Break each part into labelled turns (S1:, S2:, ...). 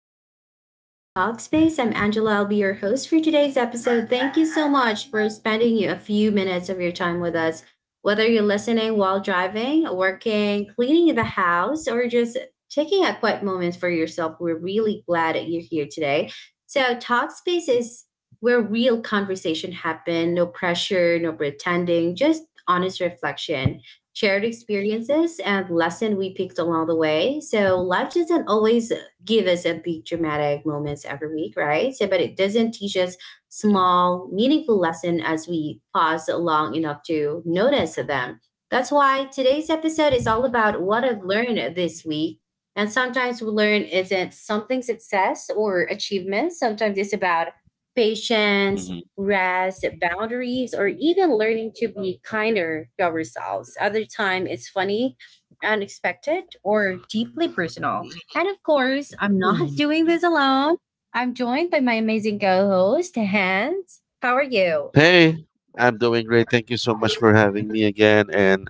S1: morning. Welcome to Talkspace. I'm Angela. I'll be your host for today's episode. Thank you so much for spending you a few minutes of your time with us. Whether you're listening while driving, working, cleaning the house, or just taking a quiet moment for yourself, we're really glad that you're here today. So, Talkspace is where real conversation happen. No pressure, no pretending, just honest reflection shared experiences and lesson we picked along the way. So life doesn't always give us a big dramatic moments every week, right? So, but it doesn't teach us small, meaningful lesson as we pause long enough to notice them. That's why today's episode is all about what I've learned this week. And sometimes we learn isn't something success or achievement. Sometimes it's about patience, rest, boundaries, or even learning to be kinder to ourselves. Other time, it's funny, unexpected, or deeply personal. And of course, I'm not
S2: Mhm.
S1: doing this alone. I'm joined by my amazing co-host, Hans. How are you?
S2: Hey, I'm doing great. Thank you so much for having me again. And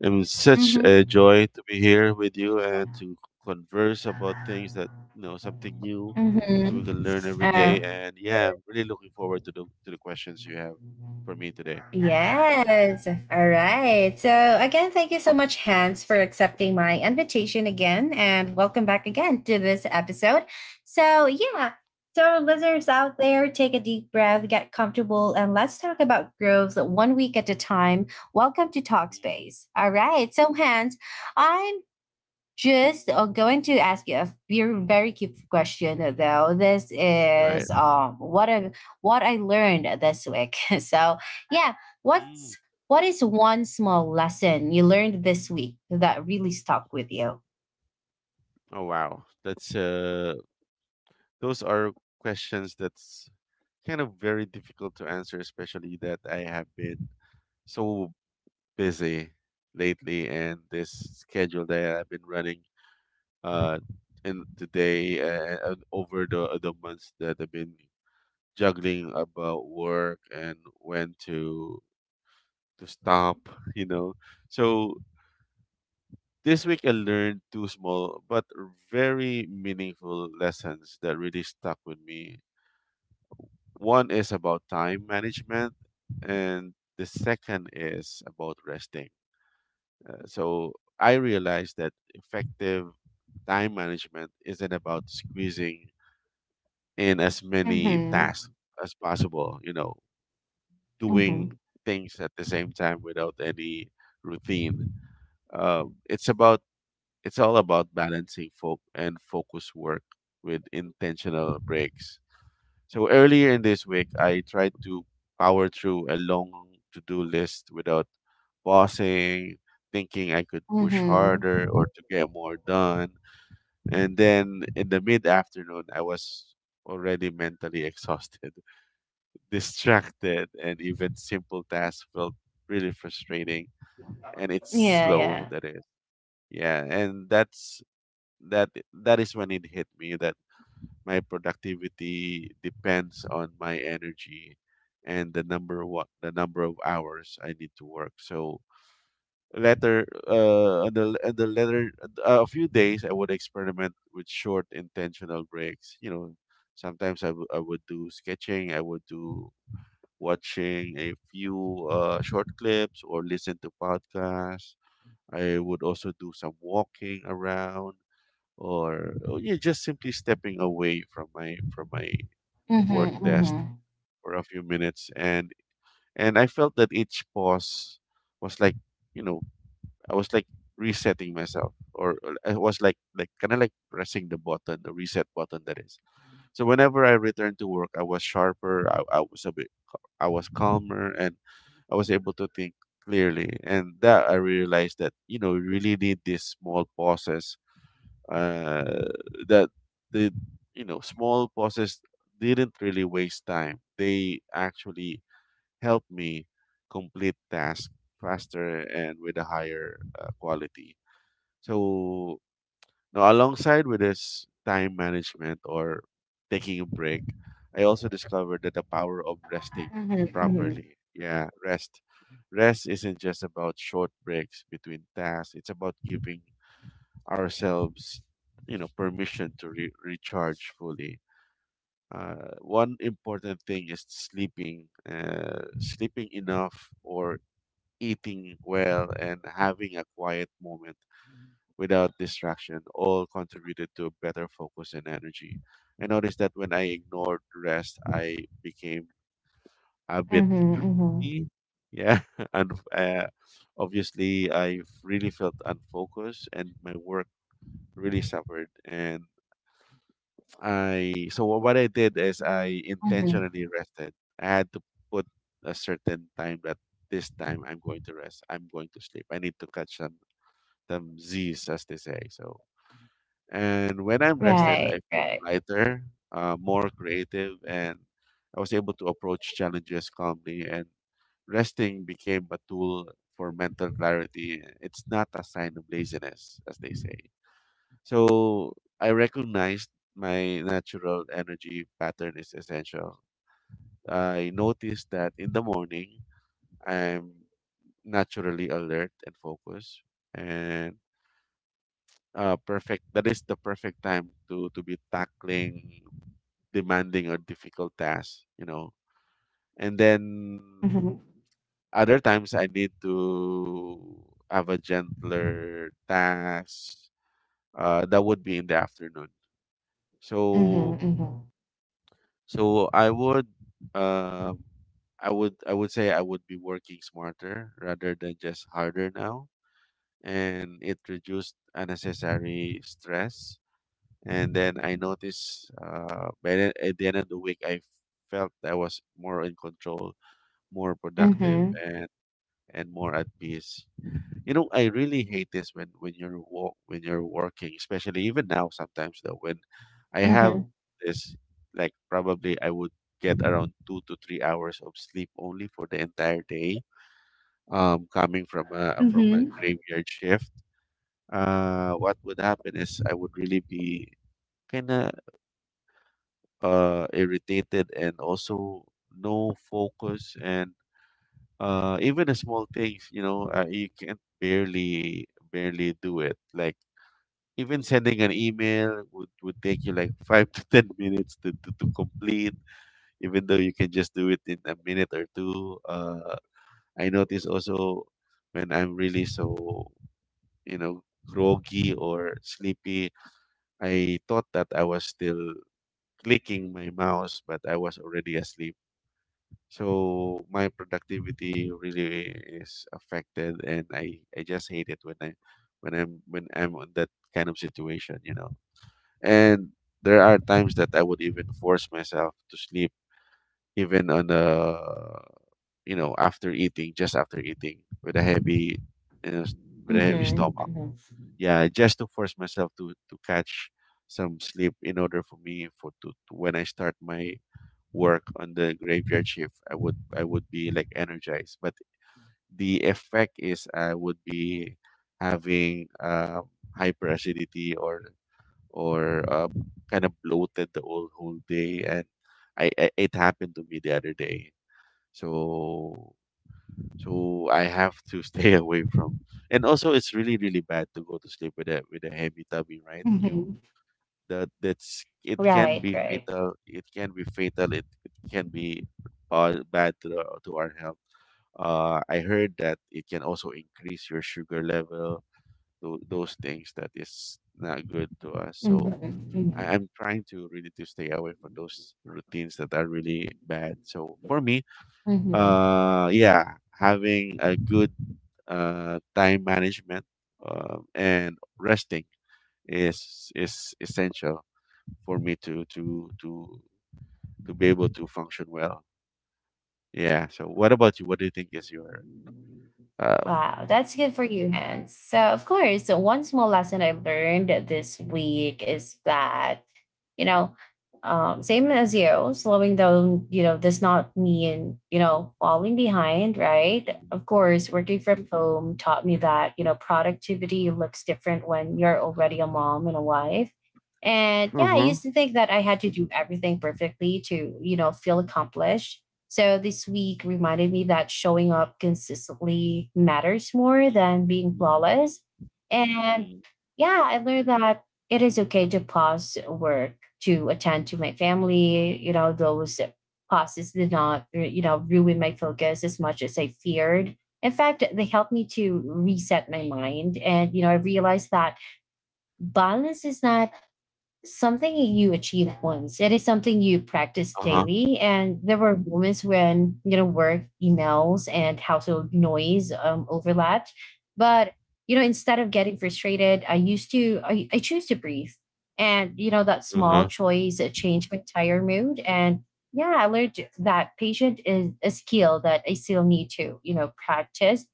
S2: it was such a
S1: Mm-hmm.
S2: joy to be here with you and to converse about things that, something new that
S1: Mm-hmm.
S2: we can learn every day. And yeah, I'm really looking forward to the questions you have for me today.
S1: Yes. All right. So, again, thank you so much, Hans, for accepting my invitation again. And welcome back again to this episode. So, yeah. So, listeners out there, take a deep breath, get comfortable, and let's talk about growth one week at a time. Welcome to Talkspace. All right. So, Hans, I'm just going to ask you a very cute question though. This
S2: Right.
S1: is what I learned this week. So yeah,
S2: Mm.
S1: what's what is one small lesson you learned this week that really stuck with you?
S2: Oh wow. That's those are questions that's kind of very difficult to answer, especially that I have been so busy lately, and this schedule that I've been running uh in today and over the months that I've been juggling about work and when to stop, you know. So this week I learned two small but very meaningful lessons that really stuck with me. One is about time management, and the second is about resting. So I realized that effective time management isn't about squeezing in as many
S1: Mm-hmm.
S2: tasks as possible, you know, doing
S1: Mm-hmm.
S2: things at the same time without any routine. It's about it's all about balancing folk and focus work with intentional breaks. So earlier in this week, I tried to power through a long to-do list without pausing, thinking I could push
S1: Mm-hmm.
S2: harder or to get more done. And then in the mid-afternoon, I was already mentally exhausted, distracted, and even simple tasks felt really frustrating. And it's
S1: Yeah,
S2: slow,
S1: yeah.
S2: that is. Yeah, and that is when it hit me that my productivity depends on my energy and the number of hours I need to work. So later, on the later a few days, I would experiment with short intentional breaks. You know, sometimes I would do sketching. I would do watching a few short clips or listen to podcasts. I would also do some walking around or oh, yeah, just simply stepping away from my work
S1: Mm-hmm.
S2: desk
S1: Mm-hmm.
S2: for a few minutes, and I felt that each pause was like, you know, I was like resetting myself, or I was like kind of like pressing the reset button, that is. So whenever I returned to work, I was sharper. I was a bit, I was calmer, and I was able to think clearly. And that I realized that, you know, you really need these small pauses, uh, that the you know, small pauses didn't really waste time. They actually helped me complete tasks faster and with a higher quality. So now, alongside with this time management or taking a break, I also discovered that the power of resting
S1: Mm-hmm. Mm-hmm.
S2: properly. Yeah, rest. Rest isn't just about short breaks between tasks. It's about giving ourselves, you know, permission to recharge fully. One important thing is sleeping enough, or eating well and having a quiet moment without distraction, all contributed to better focus and energy. I noticed that when I ignored rest, I became a bit
S1: Mm-hmm. Mm-hmm.
S2: grumpy. Yeah. And obviously I really felt unfocused, and my work really suffered. And I so what I did is I
S1: Mm-hmm.
S2: intentionally rested. I had to put a certain time that this time I'm going to rest. I'm going to sleep. I need to catch some Z's, as they say. So, and when I'm rested,
S1: Right,
S2: I feel
S1: right.
S2: lighter, more creative, and I was able to approach challenges calmly. And resting became a tool for mental clarity. It's not a sign of laziness, as they say. So I recognized my natural energy pattern is essential. I noticed that in the morning, I'm naturally alert and focused, and perfect. That is the perfect time to be tackling demanding or difficult tasks, you know. And then
S1: Mm-hmm.
S2: other times I need to have a gentler task. That would be in the afternoon.
S1: Mhm,
S2: So
S1: mhm.
S2: I would, uh, I would say I would be working smarter rather than just harder now, and it reduced unnecessary stress. And then I noticed, by at the end of the week, I felt that I was more in control, more productive,
S1: Mhm,
S2: and more at peace. You know, I really hate this when you're walk when you're working, especially even now sometimes though when I have
S1: mhm.
S2: this, like probably I would get around 2 to 3 hours of sleep only for the entire day. Coming from a
S1: Mhm.
S2: graveyard shift, what would happen is I would really be kind of irritated, and also no focus, and even the small things, you know, you can barely do it. Like even sending an email would take you like five to 10 minutes to complete, even though you can just do it in a minute or two. I notice also when I'm really so, you know, groggy or sleepy, I thought that I was still clicking my mouse, but I was already asleep. So my productivity really is affected, and I just hate it when I when I'm on that kind of situation, you know. And there are times that I would even force myself to sleep, even on a, you know, after eating, just after eating with a heavy, you know, s- with a heavy
S1: Mhm,
S2: stomach.
S1: mhm.
S2: Yeah, just to force myself to catch some sleep in order for me to, when I start my work on the graveyard shift, I would be like energized. But the effect is I would be having hyperacidity, or kind of bloated the whole day. And I, it happened to me the other day. So I have to stay away from. And also, it's really bad to go to sleep with a, with a heavy tummy, right? You,
S1: Mhm.
S2: that's, it can
S1: Right,
S2: be
S1: right.
S2: fatal. It can be fatal. It can be bad to to our health. I heard that it can also increase your sugar level. Those things that is not good to us.
S1: Mhm,
S2: So
S1: mhm.
S2: I'm trying to really to stay away from those routines that are really bad. So for me,
S1: Mhm.
S2: yeah, having a good time management, and resting, is essential for me to to be able to function well. Yeah. So what about you? What do you think is your uh?
S1: Wow, that's good for you, Hans. So, of course, so one small lesson I learned this week is that, you know, same as you, slowing down, does not mean, falling behind, right? Of course, working from home taught me that, productivity looks different when you're already a mom and a wife. And yeah, I
S2: Mm-hmm.
S1: used to think that I had to do everything perfectly to, feel accomplished. So this week reminded me that showing up consistently matters more than being
S2: Mm-hmm.
S1: flawless. And yeah, I learned that it is okay to pause work to attend to my family. You know, those pauses did not, ruin my focus as much as I feared. In fact, they helped me to reset my mind. And, I realized that balance is not something you achieve once. It is something you practice
S2: Uh huh.
S1: daily. And there were moments when, work, emails, and household noise overlapped. But, instead of getting frustrated, I choose to breathe. And, that
S2: Uh
S1: small
S2: huh.
S1: choice changed my entire mood. And yeah, I learned that patience is a skill that I still need to, practice.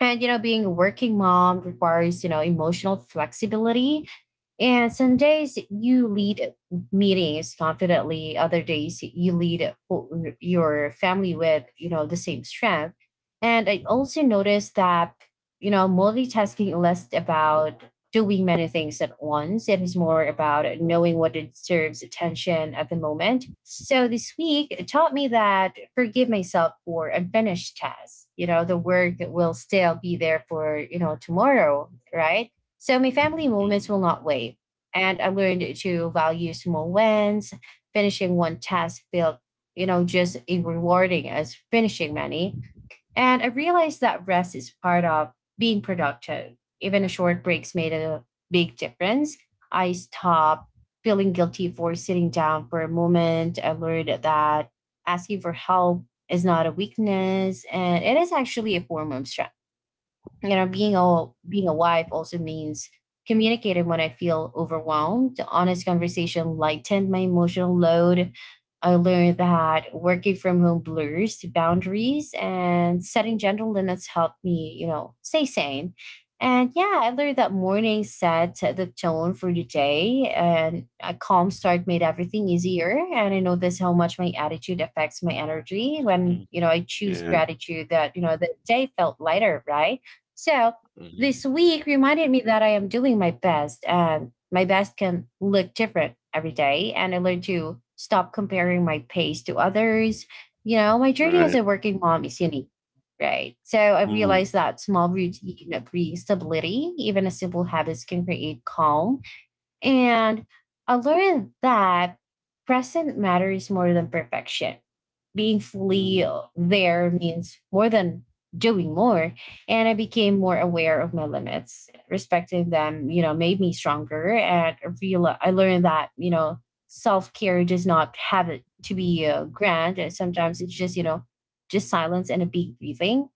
S1: And, being a working mom requires, emotional flexibility and some days you lead meetings confidently, other days you lead your family with, the same strength. And I also noticed that, multitasking is less about doing many things at once. It is more about knowing what deserves attention at the moment. So this week it taught me that forgive myself for unfinished tasks. You know, the work will still be there for, tomorrow, right? So my family
S2: Mm-hmm.
S1: moments will not wait. And I learned to value small wins. Finishing one task felt, just as rewarding as finishing many. And I realized that rest is part of being productive. Even a short breaks made a big difference. I stopped feeling guilty for sitting down for a moment. I learned that asking for help is not a weakness and it is actually a form of strength. You know, being a wife also means communicating when I feel overwhelmed. Honest conversation lightened my emotional load. I learned that working from home blurs the boundaries and setting gentle limits helped me, stay sane. And yeah, I learned that morning set the tone for the day and a calm start made everything easier. And I noticed how much my attitude affects my energy. When, I choose
S2: Yeah.
S1: gratitude, that, the day felt lighter, right? So
S2: Mm-hmm.
S1: this week reminded me that I am doing my best and my best can look different every day. And I learned to stop comparing my pace to others. You know, my journey as
S2: Right.
S1: a working mom is unique, right? So I
S2: Mm-hmm.
S1: realized that small routine brings stability. Even a simple habits can create calm. And I learned that present matters more than perfection. Being fully there means more than doing more. And I became more aware of my limits, respecting them, you know, made me stronger. And I learned that, self-care does not have it to be grand, and sometimes it's just, just silence and a big breathing.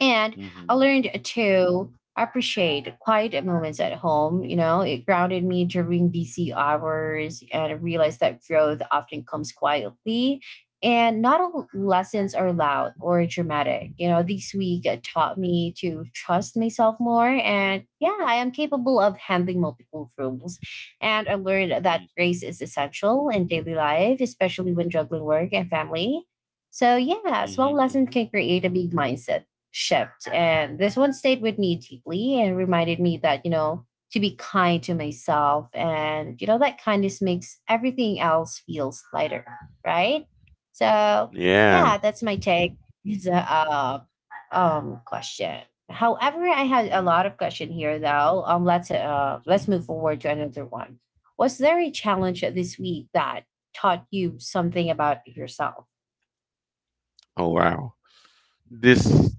S1: And I learned to appreciate quiet moments at home. You know, it grounded me during busy hours and I realized that growth often comes quietly. And not all lessons are loud or dramatic. You know, this week taught me to trust myself more. And yeah, I am capable of handling multiple roles. And I learned that
S2: Mm-hmm.
S1: grace is essential in daily life, especially when juggling work and family. So, yeah, small
S2: Mhm.
S1: lessons
S2: Mhm.
S1: can create a big mindset shift. And this one stayed with me deeply and reminded me that, to be kind to myself. And, that kindness makes everything else feels lighter, right? So,
S2: Yeah.
S1: yeah, that's my take. It's a question. However, I had a
S2: Mm.
S1: lot of question here though. Let's let's
S2: Mm.
S1: move forward to another one. Was there a challenge this week that taught you something about yourself?
S2: Oh wow. This,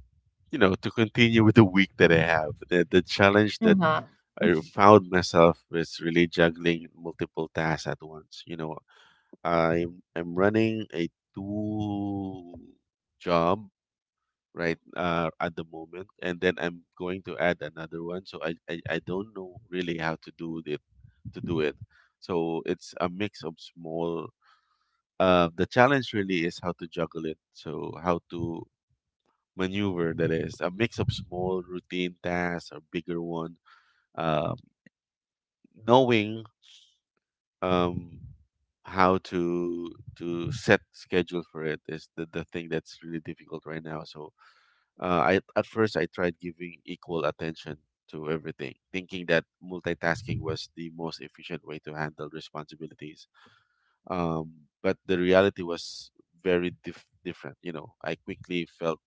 S2: you know, to continue with the week that I have, the challenge that
S1: Uh-huh.
S2: I
S1: Hmm.
S2: found myself is really juggling multiple tasks at once. You know, I'm running a two job right, at the moment, and then I'm going to add another one. So, I don't know really how to do it to do it. So it's a mix of small, the challenge really is how to juggle it. So how to maneuver that is a mix of small routine tasks or bigger one. Um, Knowing, um, how to set schedule for it is the thing that's really difficult right now. So I at first I tried giving equal attention to everything, thinking that multitasking was the most efficient way to handle responsibilities. um, but the reality was very different. You know, I quickly felt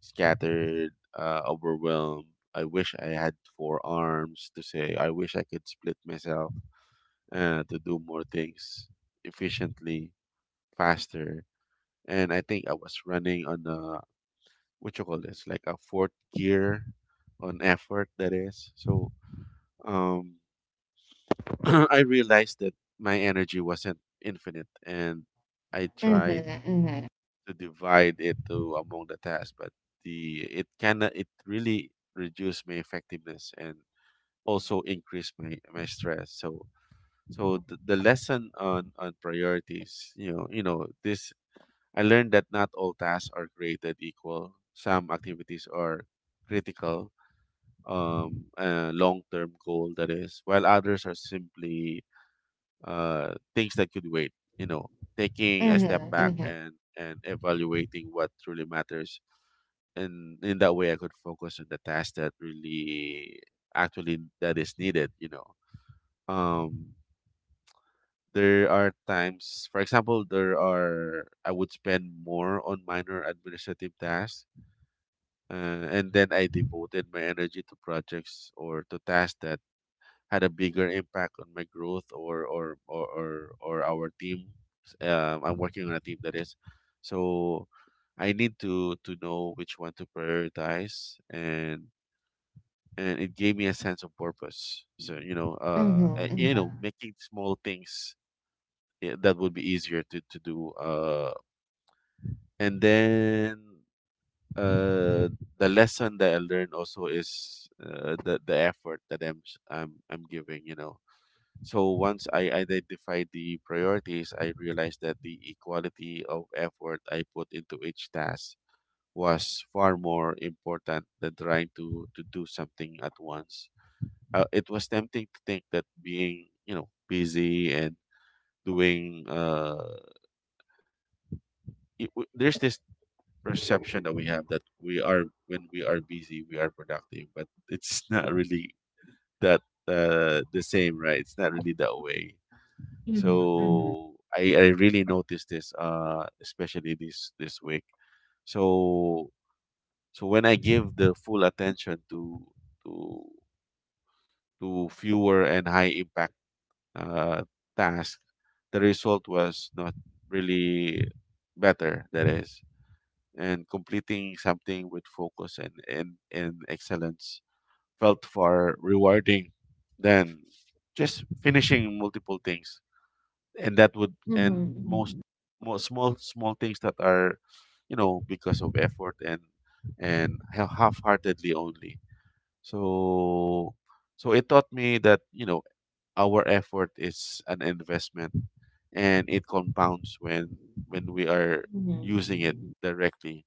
S2: scattered, overwhelmed. I wish I had four arms to say. I wish I could split myself, to do more things efficiently, faster. And I think I was running on a, what you call this, like a fourth gear on effort. That is so. Um, I realized that my energy wasn't infinite, and I tried
S1: Hmm.
S2: to divide it to among the tasks, but the, it can, it really reduce my effectiveness and also increase my stress. So so the lesson on priorities, you know this, I learned that not all tasks are created equal. Some activities are critical, long term goal that is, while others are simply things that could wait. You know, taking a step
S1: Hmm.
S2: back
S1: Hmm.
S2: and evaluating what truly matters, and in that way I could focus on the task that really actually that is needed, you know. Um, there are times, for example, there are I would spend more on minor administrative tasks, and then I devoted my energy to projects or to tasks that had a bigger impact on my growth, or our team. Um, I'm working on a team, that is. So I need to know which one to prioritize, and it gave me a sense of purpose. So
S1: Mhm,
S2: you know,
S1: mhm,
S2: making small things, eh, that would be easier to do. And then uh, the lesson that I learned also is the effort that I'm s- I'm giving. So once I identified the priorities, I realized that the equality of effort I put into each task was far more important than trying to do something at once. It was tempting to think that being busy and doing uh there's this perception that we have that we are when we are busy we are productive, but it's not really that the same, right? It's not really that way.
S1: mhm,
S2: So I really noticed this especially this week. So so when I give the full attention to to to fewer and high impact uh, task, the result was not really better. That is, and completing something with focus and and excellence felt far rewarding than just finishing multiple things. And that would and most
S1: mhm,
S2: most small things that are, you know, because of effort and half-heartedly only. So it taught me that, you know, our effort is an investment, and it compounds when we are
S1: mhm,
S2: using it
S1: mhm,
S2: directly,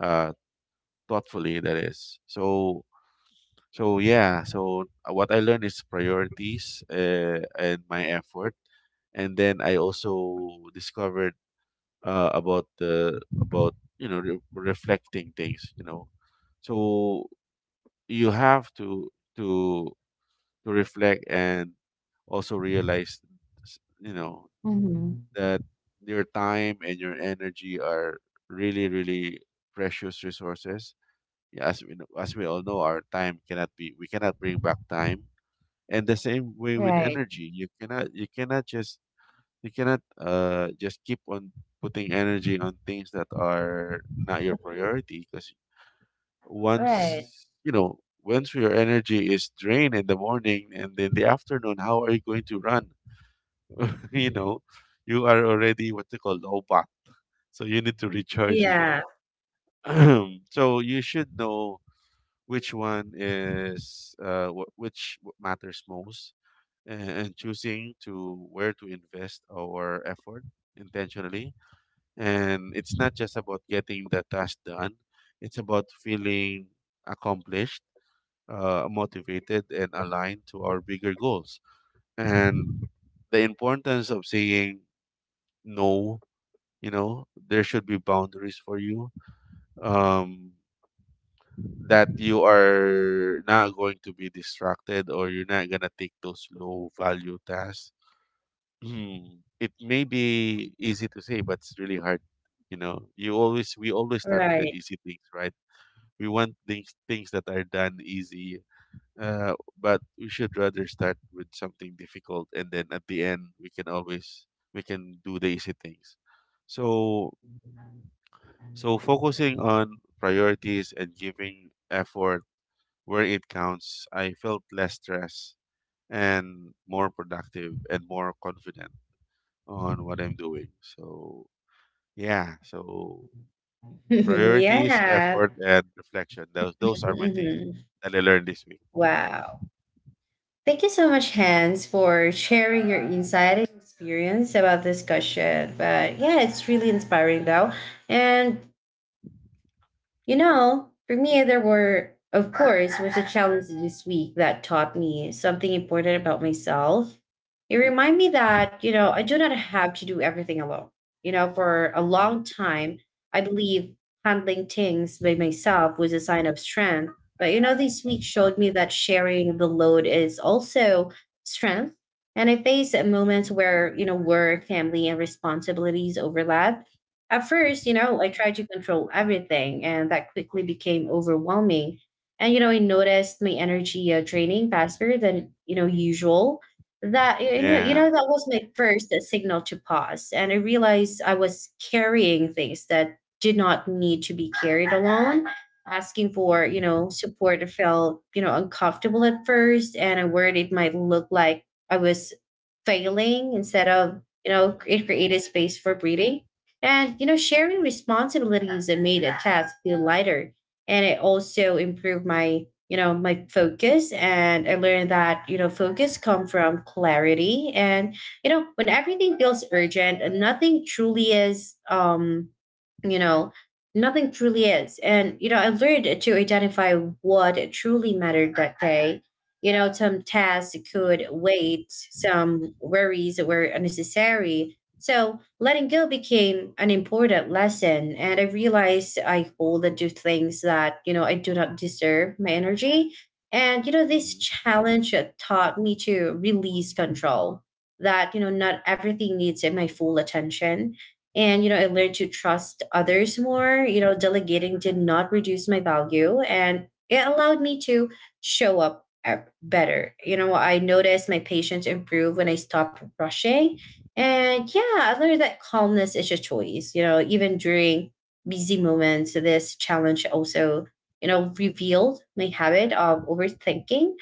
S2: uh thoughtfully, that is. So what I learned is priorities and my effort. And then I also discovered about the about you know, reflecting things, you know. So you have to to reflect and also realize, you know,
S1: mhm.
S2: that your time and your energy are really, really precious resources. Yeah, as we know, as we all know, our time cannot be, we cannot bring back time. And the same way with
S1: Right,
S2: energy, you cannot, just you cannot just keep on putting energy on things that are not your priority, because
S1: right.
S2: once, you know, once your energy is drained in the morning and in the afternoon, how are you going to run? You know, you are already what they call obat. So you need to recharge again.
S1: Yeah,
S2: So you should know which one is, which matters most, and choosing to where to invest our effort intentionally. And it's not just about getting the task done. It's about feeling accomplished, motivated, and aligned to our bigger goals. And the importance of saying no. You know, there should be boundaries for you, um that you are not going to be distracted, or you're not going to take those low value tasks. Hmm. It may be easy to say, but it's really hard. You know, you always we always start with the
S1: right.
S2: easy things, right? We want things that are done easy. uh, but we should rather start with something difficult, and then at the end we can always, we can do the easy things. So focusing on priorities and giving effort where it counts, I felt less stressed and more productive and more confident on what I'm doing. So yeah, so priorities,
S1: Yeah.
S2: effort, and reflection. Those are my things
S1: Mhm.
S2: that I learned this week.
S1: Wow. Thank you so much, Hans, for sharing your insight and experience about this discussion. But yeah, it's really inspiring though. And you know, for me, there was a challenge this week that taught me something important about myself. It reminded me that, I do not have to do everything alone. You know, for a long
S2: Mm,
S1: time, I believe handling things by myself was a sign of strength. But, this week showed me that sharing the load is also strength. And I faced moments
S2: mhm,
S1: where, work, family, and responsibilities overlap. At first, I
S2: mhm.
S1: tried to control everything, and that quickly became overwhelming. And, I noticed my energy draining faster than, usual. That,
S2: Yeah.
S1: that was my first signal to pause. And I realized I was carrying things that did not need to be carried alone. Asking for,
S2: Mhm,
S1: support felt, uncomfortable at first. And I worried it might look like I was failing. Instead of, it created space for breathing and, you know, sharing responsibilities, it made a task feel lighter. And it also improved my, my focus. And I learned that, focus come from clarity. And, when everything feels urgent and nothing truly is, you know, nothing truly is. And, I learned to identify what truly mattered that day. You know, some tasks could
S2: mhm,
S1: wait, some worries were unnecessary, so letting go became an important lesson, and I realized I hold on to things that, you know, I do not deserve my energy. And you know
S2: mhm,
S1: this
S2: mhm,
S1: challenge taught me to release control. That, not everything needs my full attention, and, you know, I learned to trust others more. You know, delegating did not reduce my value, and it allowed me to show up better. You know, I noticed my patience improve when I stopped rushing. And yeah, I learned that calmness is a choice, you know, even during busy moments. This challenge also, revealed my habit of overthinking.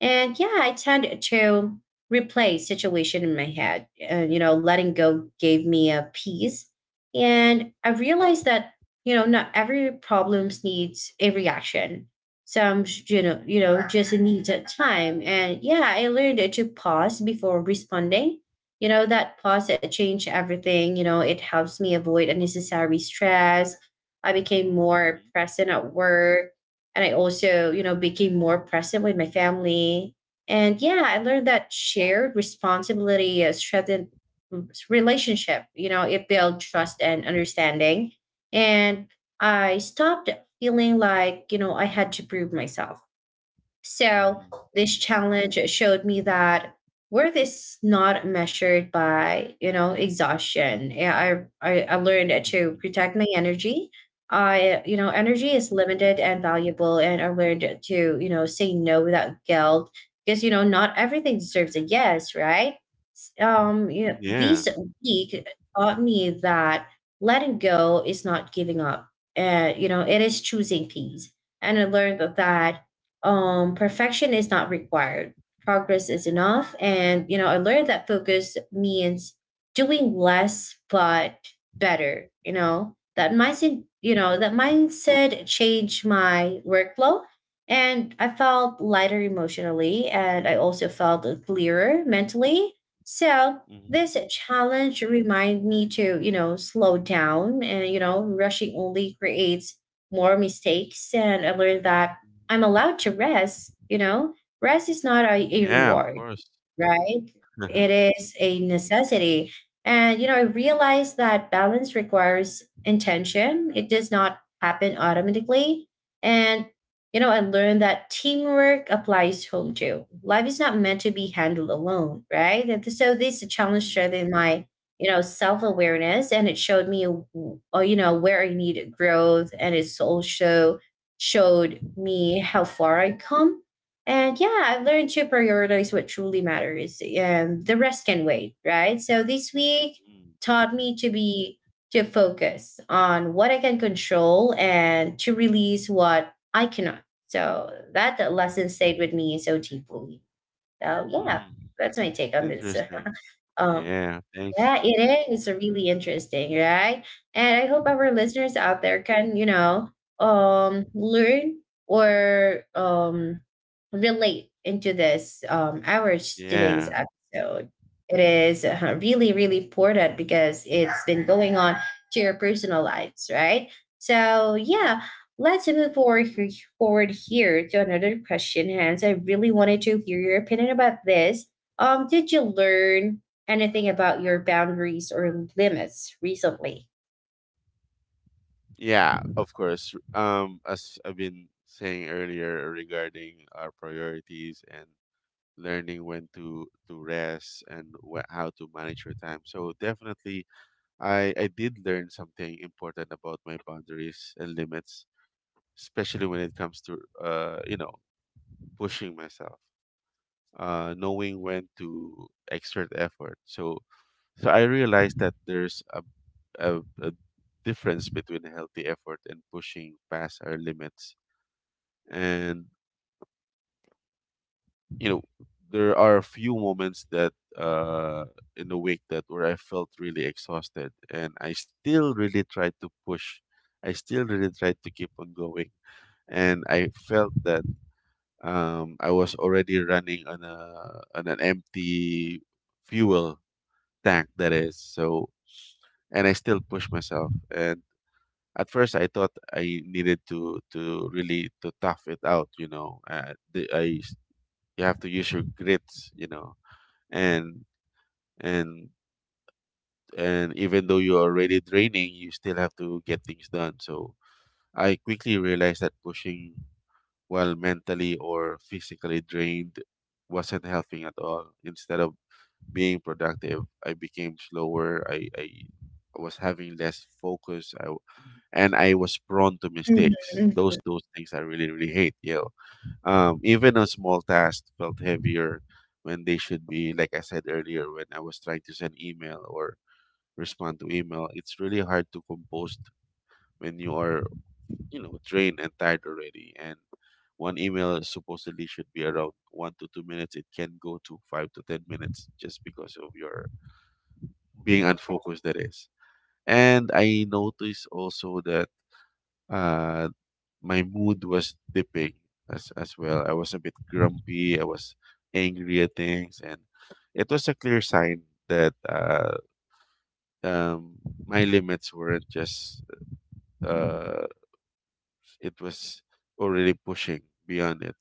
S1: And yeah, I tend to replay situation in my head. And, letting go gave me a peace. And I realized that, not every problems needs a reaction. Some, you know, just needs a time. And yeah, I learned to pause before responding, you know, that pause that changed everything. You know, it helps me avoid unnecessary stress. I became more
S2: mhm,
S1: present at work. And I also, became more present with my family. And yeah, I learned that shared responsibility strengthened r- relationship. You know, it built trust and understanding. And I stopped feeling like, I had to prove myself.
S2: mhm,
S1: So
S2: mhm,
S1: this challenge showed me that worth is not measured by exhaustion. Yeah, I learned to protect my energy. I, energy
S2: mhm.
S1: is limited and valuable, and I learned to say no without guilt because not everything deserves a yes, right? You
S2: Mhm.
S1: know,
S2: Yeah.
S1: these week taught me that letting go is not giving up. You know, it is choosing peace, and I learned that perfection is not required, progress is enough. And you know, I learned that focus means doing less but better. You know, that mindset changed my workflow, and I felt lighter emotionally, and I also felt clearer mentally. So
S2: Mhm.
S1: this challenge remind me to, you know, slow down, and you know, rushing only creates more mistakes. And I learned that
S2: Mhm.
S1: I'm allowed to rest, you know, rest is not a
S2: Yeah, of
S1: reward,
S2: course.
S1: right? It is a necessity. And, you know, I realized that balance requires intention, it does not happen automatically. And, you know, I learned that teamwork applies home too. Life is not meant to be handled alone, right? And so this challenge
S2: Mhm,
S1: strengthened my, you know, self awareness and it showed me, oh, you know, where I needed growth. And it's also showed me how far I come. And yeah, I've learned to prioritize what truly matters. The rest can wait, right? So this week
S2: mm,
S1: taught me to be, to focus on what I can control and to release what I cannot. So that lesson stayed with me so deeply. So yeah,
S2: mm.
S1: that's my take on this.
S2: Interesting.
S1: Um,
S2: Yeah, thanks.
S1: yeah, it is really interesting, right? And I hope our listeners out there can, you know, learn or relate into this our today's
S2: Yeah.
S1: episode. It is really, really important because it's been going on to your personal lives, right? So
S2: Mhm.
S1: yeah, let's move forward forward here to another question, Hans. I really wanted to hear your opinion about this. Did you learn anything about your boundaries or limits recently?
S2: Yeah, of course. As I've been saying earlier regarding our priorities and learning when to rest and wh how to manage your time. So definitely, I did learn something important about my boundaries and limits, especially when it comes to, you know, pushing myself, knowing when to exert effort. So I realized that there's a difference between healthy effort and pushing past our limits. And you know, there are a few moments that uh, in the week that where I felt really exhausted, and I still really tried to push. I still really tried to keep on going, and I felt that, I was already running on a on an empty fuel tank, that is. So and I still push myself. And at first, I thought I needed to really to tough it out. You know, you have to use your grits. You know, and and and even though you're already draining, you still have to get things done. So I quickly realized that pushing while mentally or physically drained wasn't helping at all. Instead of being productive, I became slower. I was having less focus. And I was prone to
S1: Mhm.
S2: mistakes. Those things I really really hate. You know, even a small task felt heavier when they should be. Like I said earlier, when I was trying to send email or respond to email, it's really hard to compose when you are, you know, drained and tired already. And one email supposedly should be around 1 to 2 minutes. It can go to 5 to 10 minutes just because of your being unfocused, that is. And I noticed also that uh my mood was dipping as well. I was a bit grumpy, I was angry at things, and it was a clear sign that um my limits weren't just uh it was already pushing beyond it.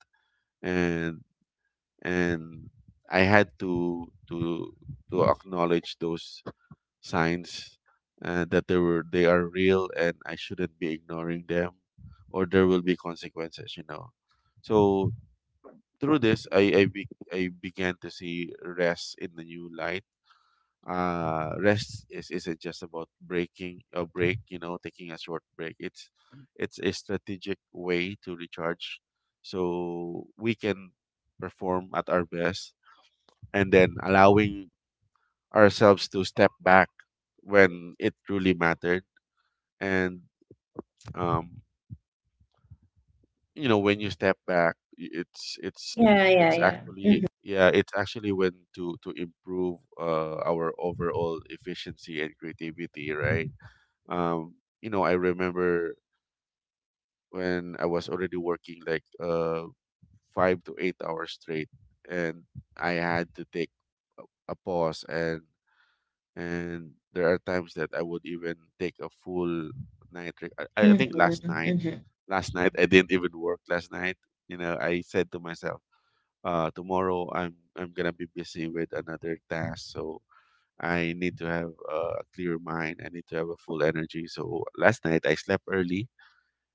S2: And and I had to acknowledge those signs, that they are real and I shouldn't be ignoring them, or there will be consequences, you know. So through this, I began to see rest in the new light. Rest is isn't just about breaking a break you know, taking a short break. It's a strategic way to recharge so we can perform at our best, and then allowing ourselves to step back when it truly mattered. And um, you know, when you step back, it's
S1: Yeah, yeah,
S2: it's
S1: yeah.
S2: actually,
S1: Mhm.
S2: yeah, it's actually when to improve our overall efficiency and creativity, right? Um, you know, I remember when I was already working like 5 to 8 hours straight, and I had to take a pause. And there are times that I would even take a full night. I think
S1: Mhm.
S2: last night,
S1: Mhm.
S2: last night I didn't even work last night. You know, I said to myself, tomorrow I'm gonna be busy with another task, so I need to have a clear mind. I need to have a full energy. So last night I slept early,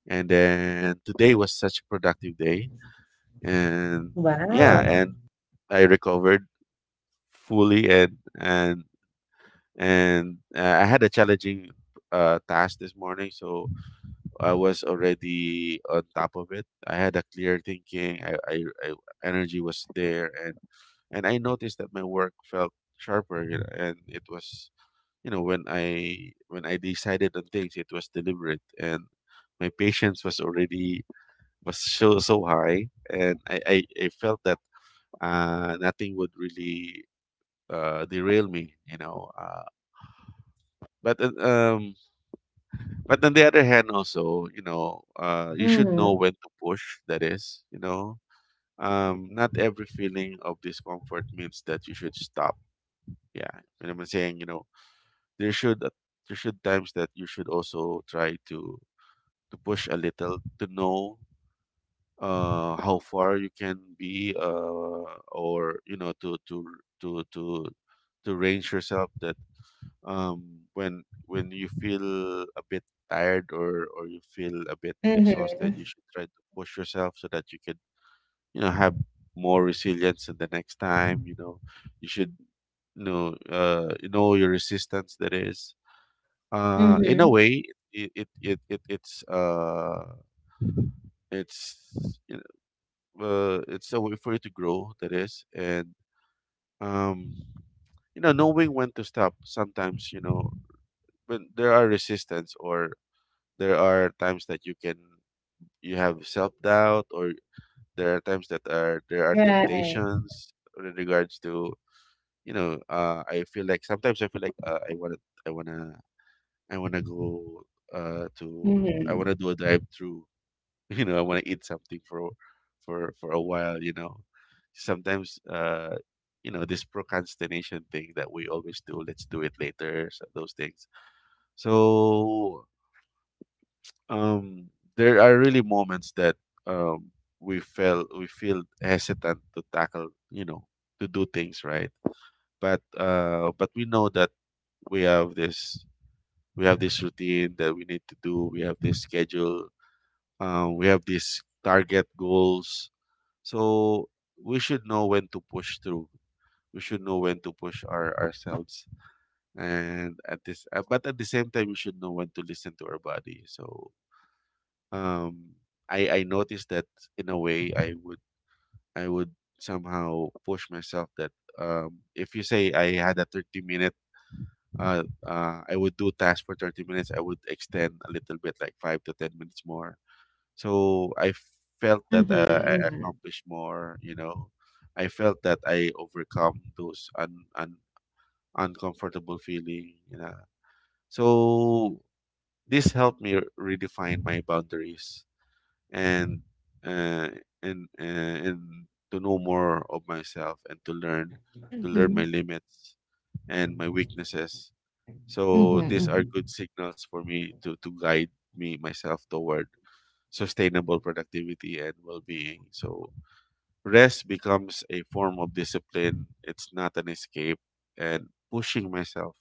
S2: and then today was such a productive day. And yeah,
S1: Wow.
S2: and I recovered fully, and and I had a challenging task this morning, so I was already on top of it. I had a clear thinking. I energy was there, and I noticed that my work felt sharper. You know, and it was, you know, when I decided on things, it was deliberate, and my patience was already was so so high, and I felt that nothing would really derail me. You know, but uh, um But on the other hand, also, you know, you should know
S1: Mhm.
S2: when to push. That is, you know, not every feeling of discomfort means that you should stop. Yeah, and I'm saying, you know, there should uh, there should times that you should also try to push a little to know how far you can be, or you know to to range yourself, that um, when you feel a bit tired, or you feel a bit
S1: Mhm.
S2: exhausted, you should try to push yourself so that you could, you know, have more resilience in the next time. You know, you should, you know, you know your resistance, that is. In a
S1: Mhm.
S2: way, it it's you know, it's a way for you to grow. That is, and um, you know, knowing when to stop. Sometimes, you know, when there are resistance, or there are times that you can, you have self doubt, or there are times that are there are
S1: Right.
S2: temptations in regards to, you know, uh, I feel like sometimes I feel like, I want to, I want to I want to go, to I want to
S1: Mhm.
S2: do a drive through. You know, I want to eat something for a while, you know. Sometimes, uh, you know, this procrastination thing that we always do, let's do it later, so those things. So um, there are really moments that um we feel hesitant to tackle, you know, to do things right. But we know that we have this we have this routine that we need to do. We have this schedule. We have these target goals. So we should know when to push through. We should know when to push ourselves, and at this, but at the same time, we should know when to listen to our body. So um i i noticed that in a way I would somehow push myself that if you say I had a 30 minute I would do task for 30 minutes. I would extend a little bit like 5 to 10 minutes more, so I felt that
S1: Mhm.
S2: I
S1: Mhm.
S2: accomplished more. I felt that I overcome those un, un uncomfortable feeling. So this helped me redefine my boundaries, and uh, and to know more of myself and to learn my
S1: Mhm.
S2: limits and my weaknesses.
S1: Mhm.
S2: So these are
S1: Mhm.
S2: good signals for me to guide me myself toward sustainable productivity and well-being. So rest becomes a form of discipline. It's not an escape, and pushing myself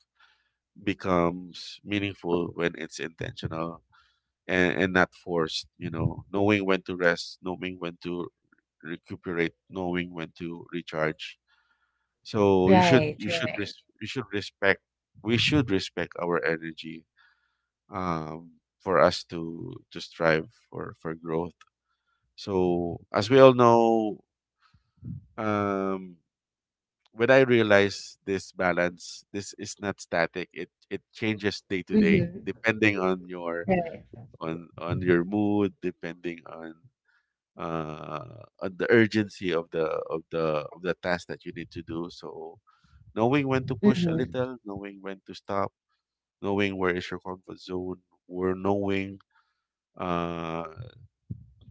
S2: becomes meaningful when it's intentional, and not forced, knowing when to rest, knowing when to recuperate, knowing when to recharge. So you should
S1: Right,
S2: you should
S1: right.
S2: res- you should respect, we should respect our energy, um for us to strive for growth. So as we all know, um when I realize this balance, this is not static. It changes day to day
S1: Mhm.
S2: depending on your,
S1: Right.
S2: on your mood, depending on uh, on the urgency of the task that you need to do. So knowing when to push a
S1: Mhm.
S2: little, knowing when to stop, knowing where is your comfort zone, or knowing uh,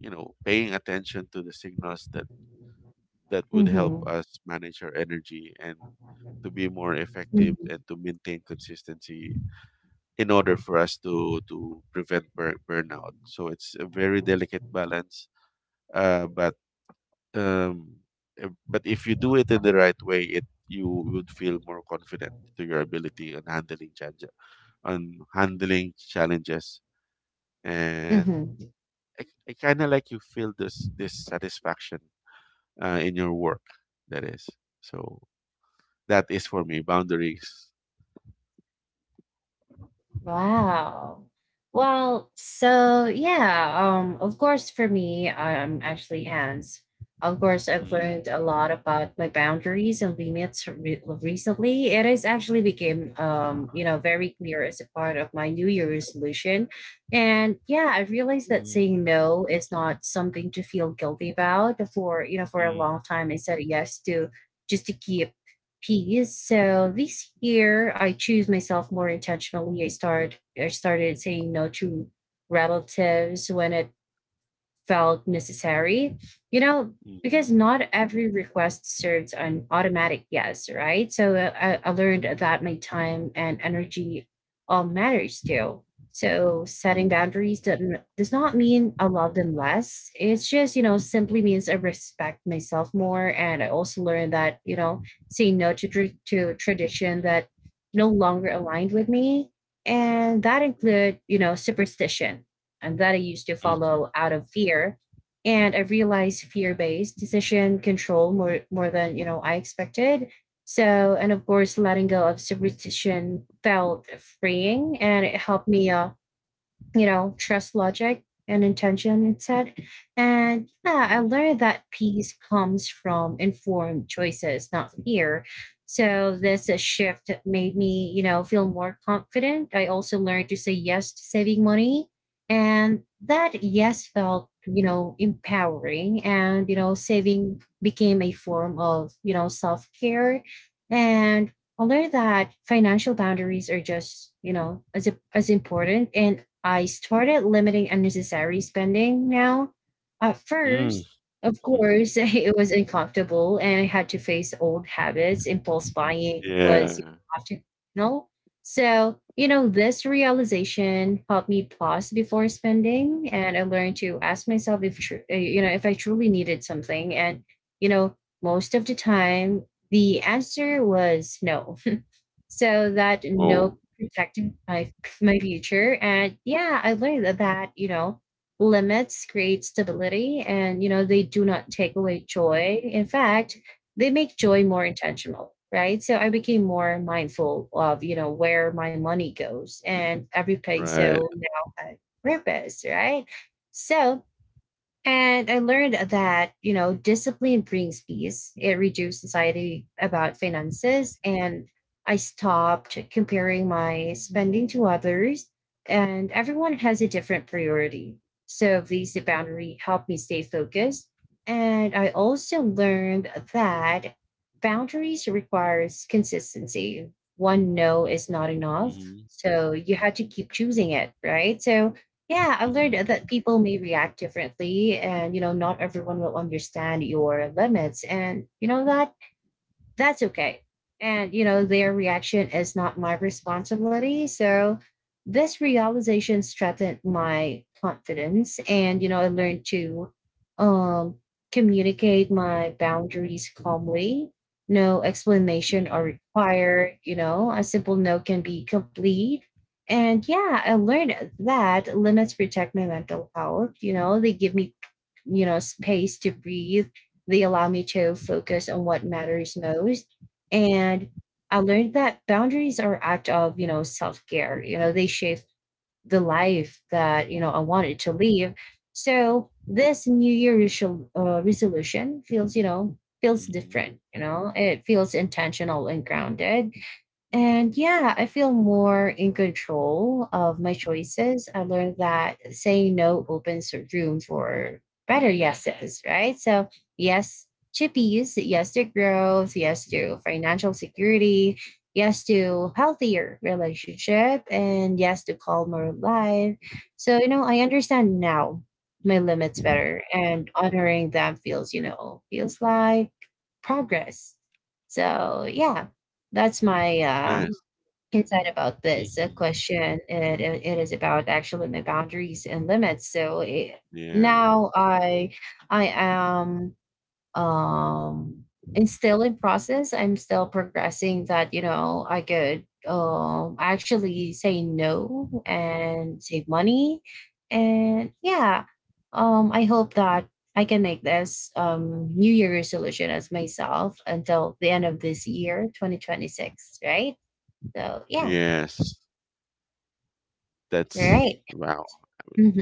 S2: you know, paying attention to the signals that that would help
S1: Mhm.
S2: us manage our energy and to be more effective
S1: Mhm.
S2: and to maintain consistency in order for us to prevent burnout. So it's a very delicate balance, uh, but um but if you do it in the right way, it you would feel more confident to your ability on handling challenge on handling challenges. And
S1: Mhm.
S2: i, I kind of like you feel this satisfaction in your work that is. So that is for me boundaries.
S1: Wow. Well, so yeah, of course, for me, I'm actually hands. Of course, I've
S2: Mm,
S1: learned a lot about my boundaries and limits recently. It has actually become, you know, very clear as a part of my New Year resolution. And yeah, I realized that
S2: mm,
S1: saying no is not something to feel guilty about. For, you know, for a
S2: mm,
S1: long time, I said yes to just to keep piece. So this year I choose myself more intentionally. I started saying no to relatives when it felt necessary. You know, because
S2: mm,
S1: not every request serves an automatic yes, right? So I learned that my time and energy all matters too. So
S2: mm,
S1: setting
S2: mm,
S1: boundaries does not mean I love them less. It's just, you know, simply means I respect myself more. And I also learned that, you know, saying no to, to tradition that no longer aligned with me. And that include, you know, superstition and that I used to
S2: mhm,
S1: follow out of fear. And I realized fear-based decision control more than you know I expected. So and of course letting go of superstition felt freeing, and it helped me, you know, trust logic and intention, it said. And yeah, I learned that peace comes from informed choices, not fear. So this shift that made me, you know, feel more confident. I also learned to say yes to saving money. And that yes felt, you know, empowering. And, you know, saving became a form of, you know, self care. And I learned that financial boundaries are just, you know, as important, and I started limiting unnecessary spending now. At
S2: mm, mm,
S1: first, of
S2: mhm.
S1: course, it was uncomfortable and I had to face old habits. Impulse buying
S2: Yeah.
S1: was optional. So, you know, this realization helped me pause before spending, and I learned to ask myself if, you know, if I truly needed something. And, you know, most of the time, the answer was no, so that
S2: Oh,
S1: no protected my future. And yeah, I learned that, that you know, limits create stability, and you know they do not take away joy. In fact, they make joy more intentional, right? So I became more mindful of, you know, where my money goes, and every
S2: right.
S1: peso now had purpose, right? So and I learned that, you know, discipline brings peace. It reduced anxiety about finances. And I stopped comparing my spending to others. And everyone has a different priority. So these boundary helped me stay focused. And I also learned that boundaries requires consistency. One no is not enough.
S2: Mm-hmm.
S1: So you had to keep choosing it, right? So yeah, I learned that people may react differently, and you know not everyone will understand your limits, and you know that that's okay. And, you know, their reaction is not my responsibility. So this realization strengthened my confidence. And, you know, I learned to um, communicate my boundaries calmly. No explanation are
S2: Hmm.
S1: required. You know, a simple no can be complete. And yeah, I learned that limits protect my mental health. You know, they give me, you know, space to breathe, they allow me to focus on what matters most. And I learned that boundaries are act of, you know, self-care. You know, they shape the life that, you know, I wanted to live. So this New Year resolution feels, you know, feels
S2: Hmm.
S1: different, you know, it feels intentional and grounded, and yeah, I feel more in control of my choices. I learned that saying no opens room for better yeses, right? So, yes to peace, yes to growth, yes to financial security, yes to healthier relationship, and yes to calmer life. So, you know, I understand now my limits better, and honoring them feels, you know, feels like progress. So, yeah, that's my
S2: Nice.
S1: concerned about this
S2: Hmm.
S1: question. It, it is about actually my boundaries and limits. So it,
S2: Yeah.
S1: now I am um and still in process. I'm still progressing. That you know I could actually say no and save money, and yeah. I hope that I can make this New Year resolution as myself until the end of this year, 2026. Right. So yeah.
S2: Yes. That's
S1: Right.
S2: wow.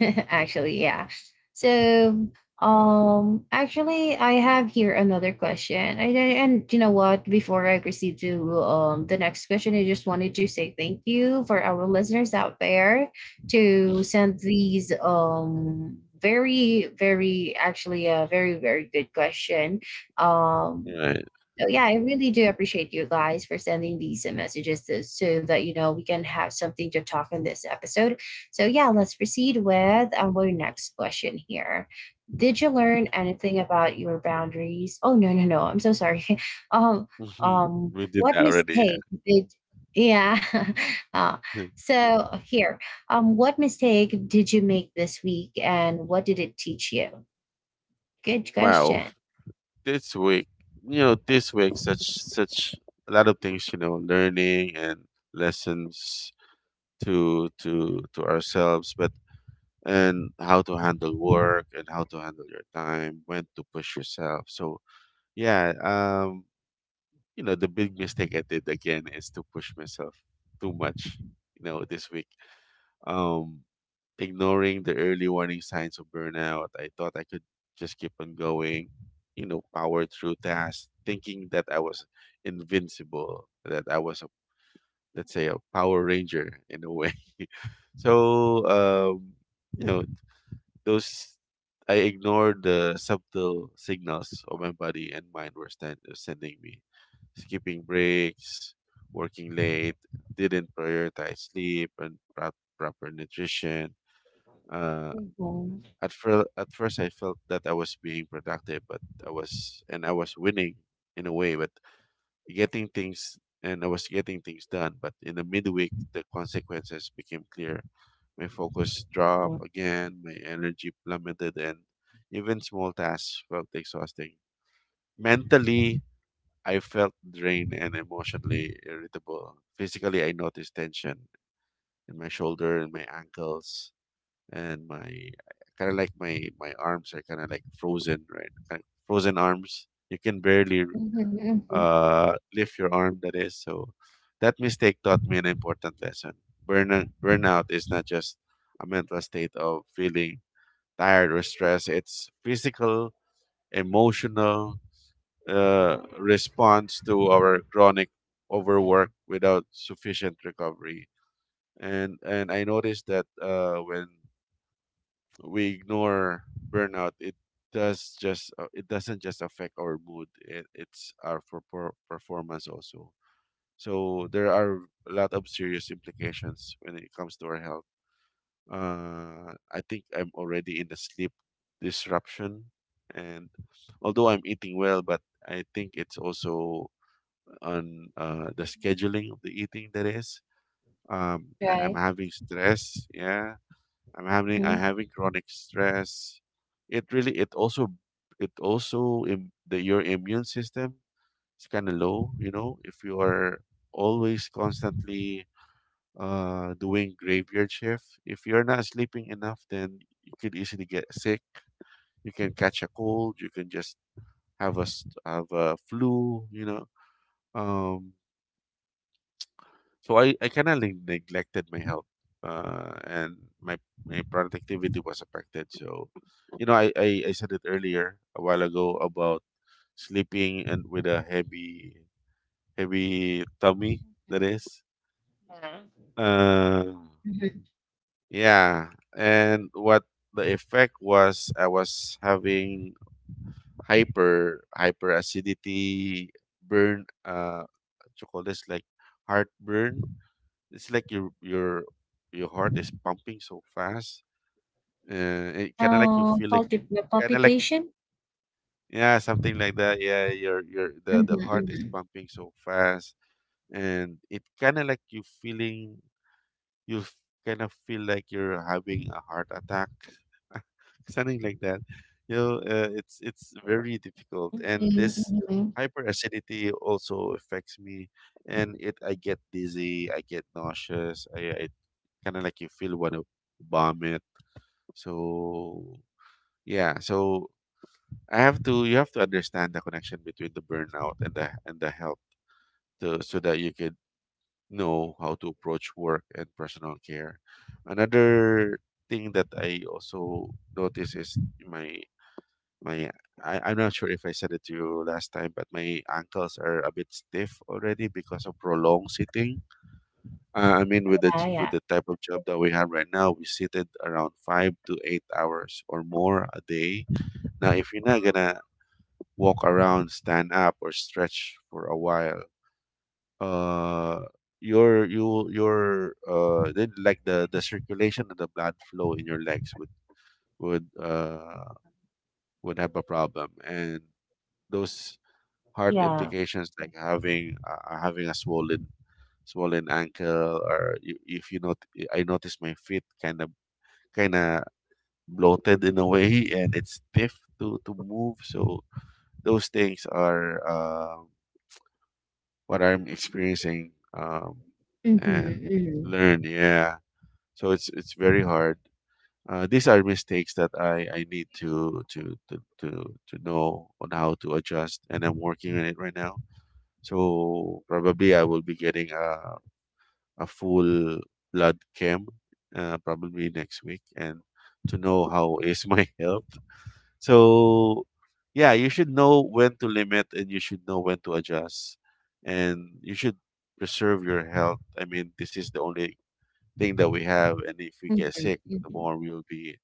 S1: Actually, yeah. So, actually, I have here another question. And you know what? Before I proceed to the next question, I just wanted to say thank you for our listeners out there to send these very very, actually, a very very good question. Um,
S2: Yeah.
S1: so yeah, I really do appreciate you guys for sending these messages to, so that you know we can have something to talk in this episode. So yeah, let's proceed with our next question here. Did you learn anything about your boundaries? Oh no no no! I'm so sorry. Um
S2: Hmm. We did
S1: what
S2: that already.
S1: mistake did? Yeah. uh,
S2: Yeah.
S1: so here, what mistake did you make this week, and what did it teach you? Good
S2: Wow.
S1: question.
S2: This week, you know, this week such such a lot of things, you know, learning and lessons to ourselves, but and how to handle work and how to handle your time, when to push yourself. So yeah, you know, the big mistake I did again is to push myself too much, you know, this week. Um, Ignoring the early warning signs of burnout, I thought I could just keep on going, you know, power through tasks, thinking that I was invincible, that I was a, let's say, a Power Ranger in a way. So you know, those, I ignored the subtle signals of my body and mind were stand, sending me. Skipping breaks, working late, didn't prioritize sleep and pro- proper nutrition. Uh,
S1: Mhm.
S2: at, fir- at first, I felt that I was being productive, but I was, and I was winning in a way, but getting things, and I was getting things done, but in the midweek the consequences became clear. My focus dropped
S1: Mhm.
S2: again, my energy plummeted, and even small tasks felt exhausting. Mentally, I felt drained and emotionally irritable. Physically, I noticed tension in my shoulder and my ankles, and my kind of like my arms are kind of like frozen, right? Kind frozen arms. You can barely
S1: Mhm. Mhm.
S2: lift your arm, that is. So that mistake taught me an important lesson. Burnout is not just a mental state of feeling tired or stressed. It's physical, emotional response to our chronic overwork without sufficient recovery. And I noticed that when we ignore burnout, it does just it doesn't just affect our mood. It's our per performance also. So there are a lot of serious implications when it comes to our health. I think I'm already in the sleep disruption, and although I'm eating well, but I think it's also on the
S1: Mhm.
S2: scheduling of the eating that is. I'm
S1: Right.
S2: having stress. Yeah, I'm having I'm
S1: Mhm.
S2: having chronic stress. It really, it also, it also the, your immune system is kind of low. You know, if you are always constantly doing graveyard shift. If you're not sleeping enough, then you could easily get sick. You can catch a cold. You can just have a have a flu. You know. Um, so I kind of neglected my health, and my productivity was affected. So, you know, I said it earlier a while ago about sleeping and with a heavy tummy. That is.
S1: Yeah.
S2: Uh,
S1: Mhm.
S2: Yeah, and what the effect was, I was having hyper acidity, burn, uh, what you call this, like heartburn. It's like your heart is pumping so fast. It kind of like you feel like
S1: Culti
S2: you, kind of like,
S1: palpitation?
S2: yeah, something like that. Yeah, your, the
S1: Mhm,
S2: the heart is
S1: mhm.
S2: pumping so fast, and it kind of like you feeling, you f- kind of feel like you're having a heart attack, something like that. You know, it's very difficult,
S1: Mhm.
S2: and
S1: Mm,
S2: this
S1: mhm.
S2: hyperacidity also affects me, and it I get dizzy, I get nauseous, I kind of like you feel want to vomit. So yeah, so I have to, you have to understand the connection between the burnout and the health to, so that you could know how to approach work and personal care. Another thing that I also notice is my my I'm not sure if I said it to you last time, but my ankles are a bit stiff already because of prolonged sitting. I mean, with the
S1: Yeah,
S2: with
S1: yeah,
S2: the type of job that we have right now, we seated around 5 to 8 hours or more a day. Now, if you're not gonna walk around, stand up, or stretch for a while, uh your, you your then like the circulation and the blood flow in your legs would would uh would have a problem, and those heart
S1: yeah.
S2: implications like having a swollen ankle or you, if you not, I notice my feet kind of bloated in a way, and it's stiff to move. So those things are what I'm experiencing, um
S1: Mhm,
S2: and
S1: mhm.
S2: learn, yeah. So it's very hard. These are mistakes that I need to, to know on how to adjust, and I'm working on it right now. So probably I will be getting a full blood chem, probably next week, and to know how is my health. So yeah, you should know when to limit, and you should know when to adjust, and you should preserve your health. I mean, this is the only thing that we have, and if we get
S1: Mhm,
S2: sick, the
S1: mhm.
S2: more we'll be,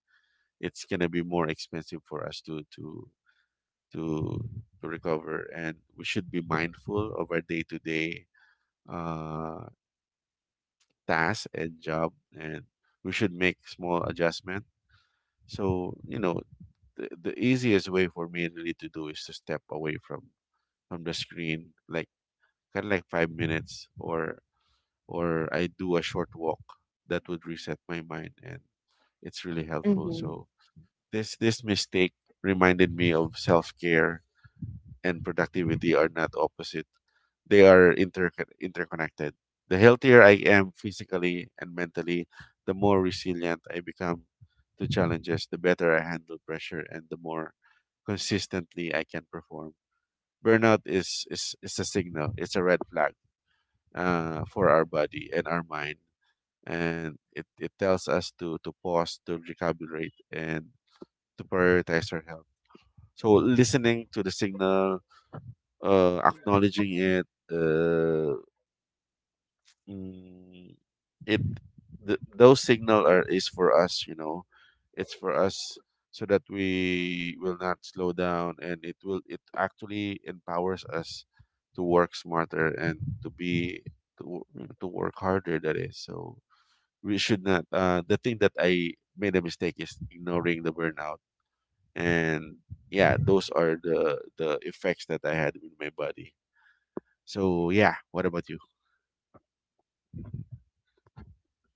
S2: it's going to be more expensive for us to to recover, and we should be mindful of our day-to-day uh tasks and job, and we should make small adjustment. So you know, the easiest way for me really to do is to step away from the screen, like kind of like 5 minutes, or I do a short walk that would reset my mind, and it's really helpful.
S1: Mhm.
S2: So this mistake reminded me of self-care and productivity are not opposite. They are interconnected. The healthier I am physically and mentally, the more resilient I become to challenges, the better I handle pressure, and the more consistently I can perform. Is a signal, it's a red flag for our body and our mind. And it tells us to pause, to recalibrate, and to prioritize our health. So listening to the signal, acknowledging it, uh, mm, it those signal are is for us. You know, it's for us so that we will not slow down, and it will, it actually empowers us to work smarter and to be to, wo- to work harder. That is so. We should not. The thing that I made a mistake is ignoring the burnout, and yeah, those are the effects that I had with my body. So yeah, what about you?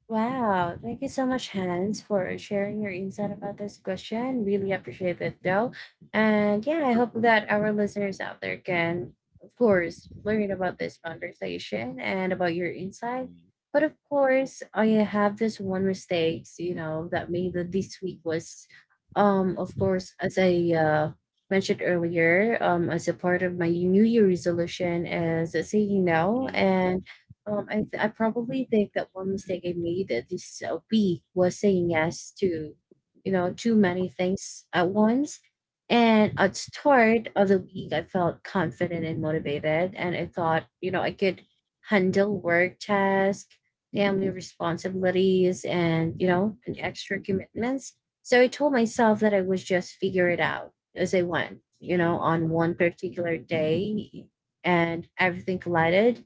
S1: Wow, thank you so much, Hans, for sharing your insight about this question. Really appreciate it, though. And yeah, I
S2: Uh,
S1: hope that our listeners out there can, of course, learn about this conversation and about your insight.
S2: mm,
S1: But of course, I have this one mistake, you know, that made the- this week was, of course, as I mentioned earlier, as a part of my New Year resolution, is saying no.
S2: mm,
S1: And I probably think that one mistake I made at this LP was saying yes to, you know, too many things at once. And at start of the week, I felt confident and motivated, and I thought, you know, I could handle work tasks, family responsibilities, and you know, and extra commitments. So I told myself that I would just figure it out as I went, you know,
S2: mm,
S1: on one particular day, and everything collided.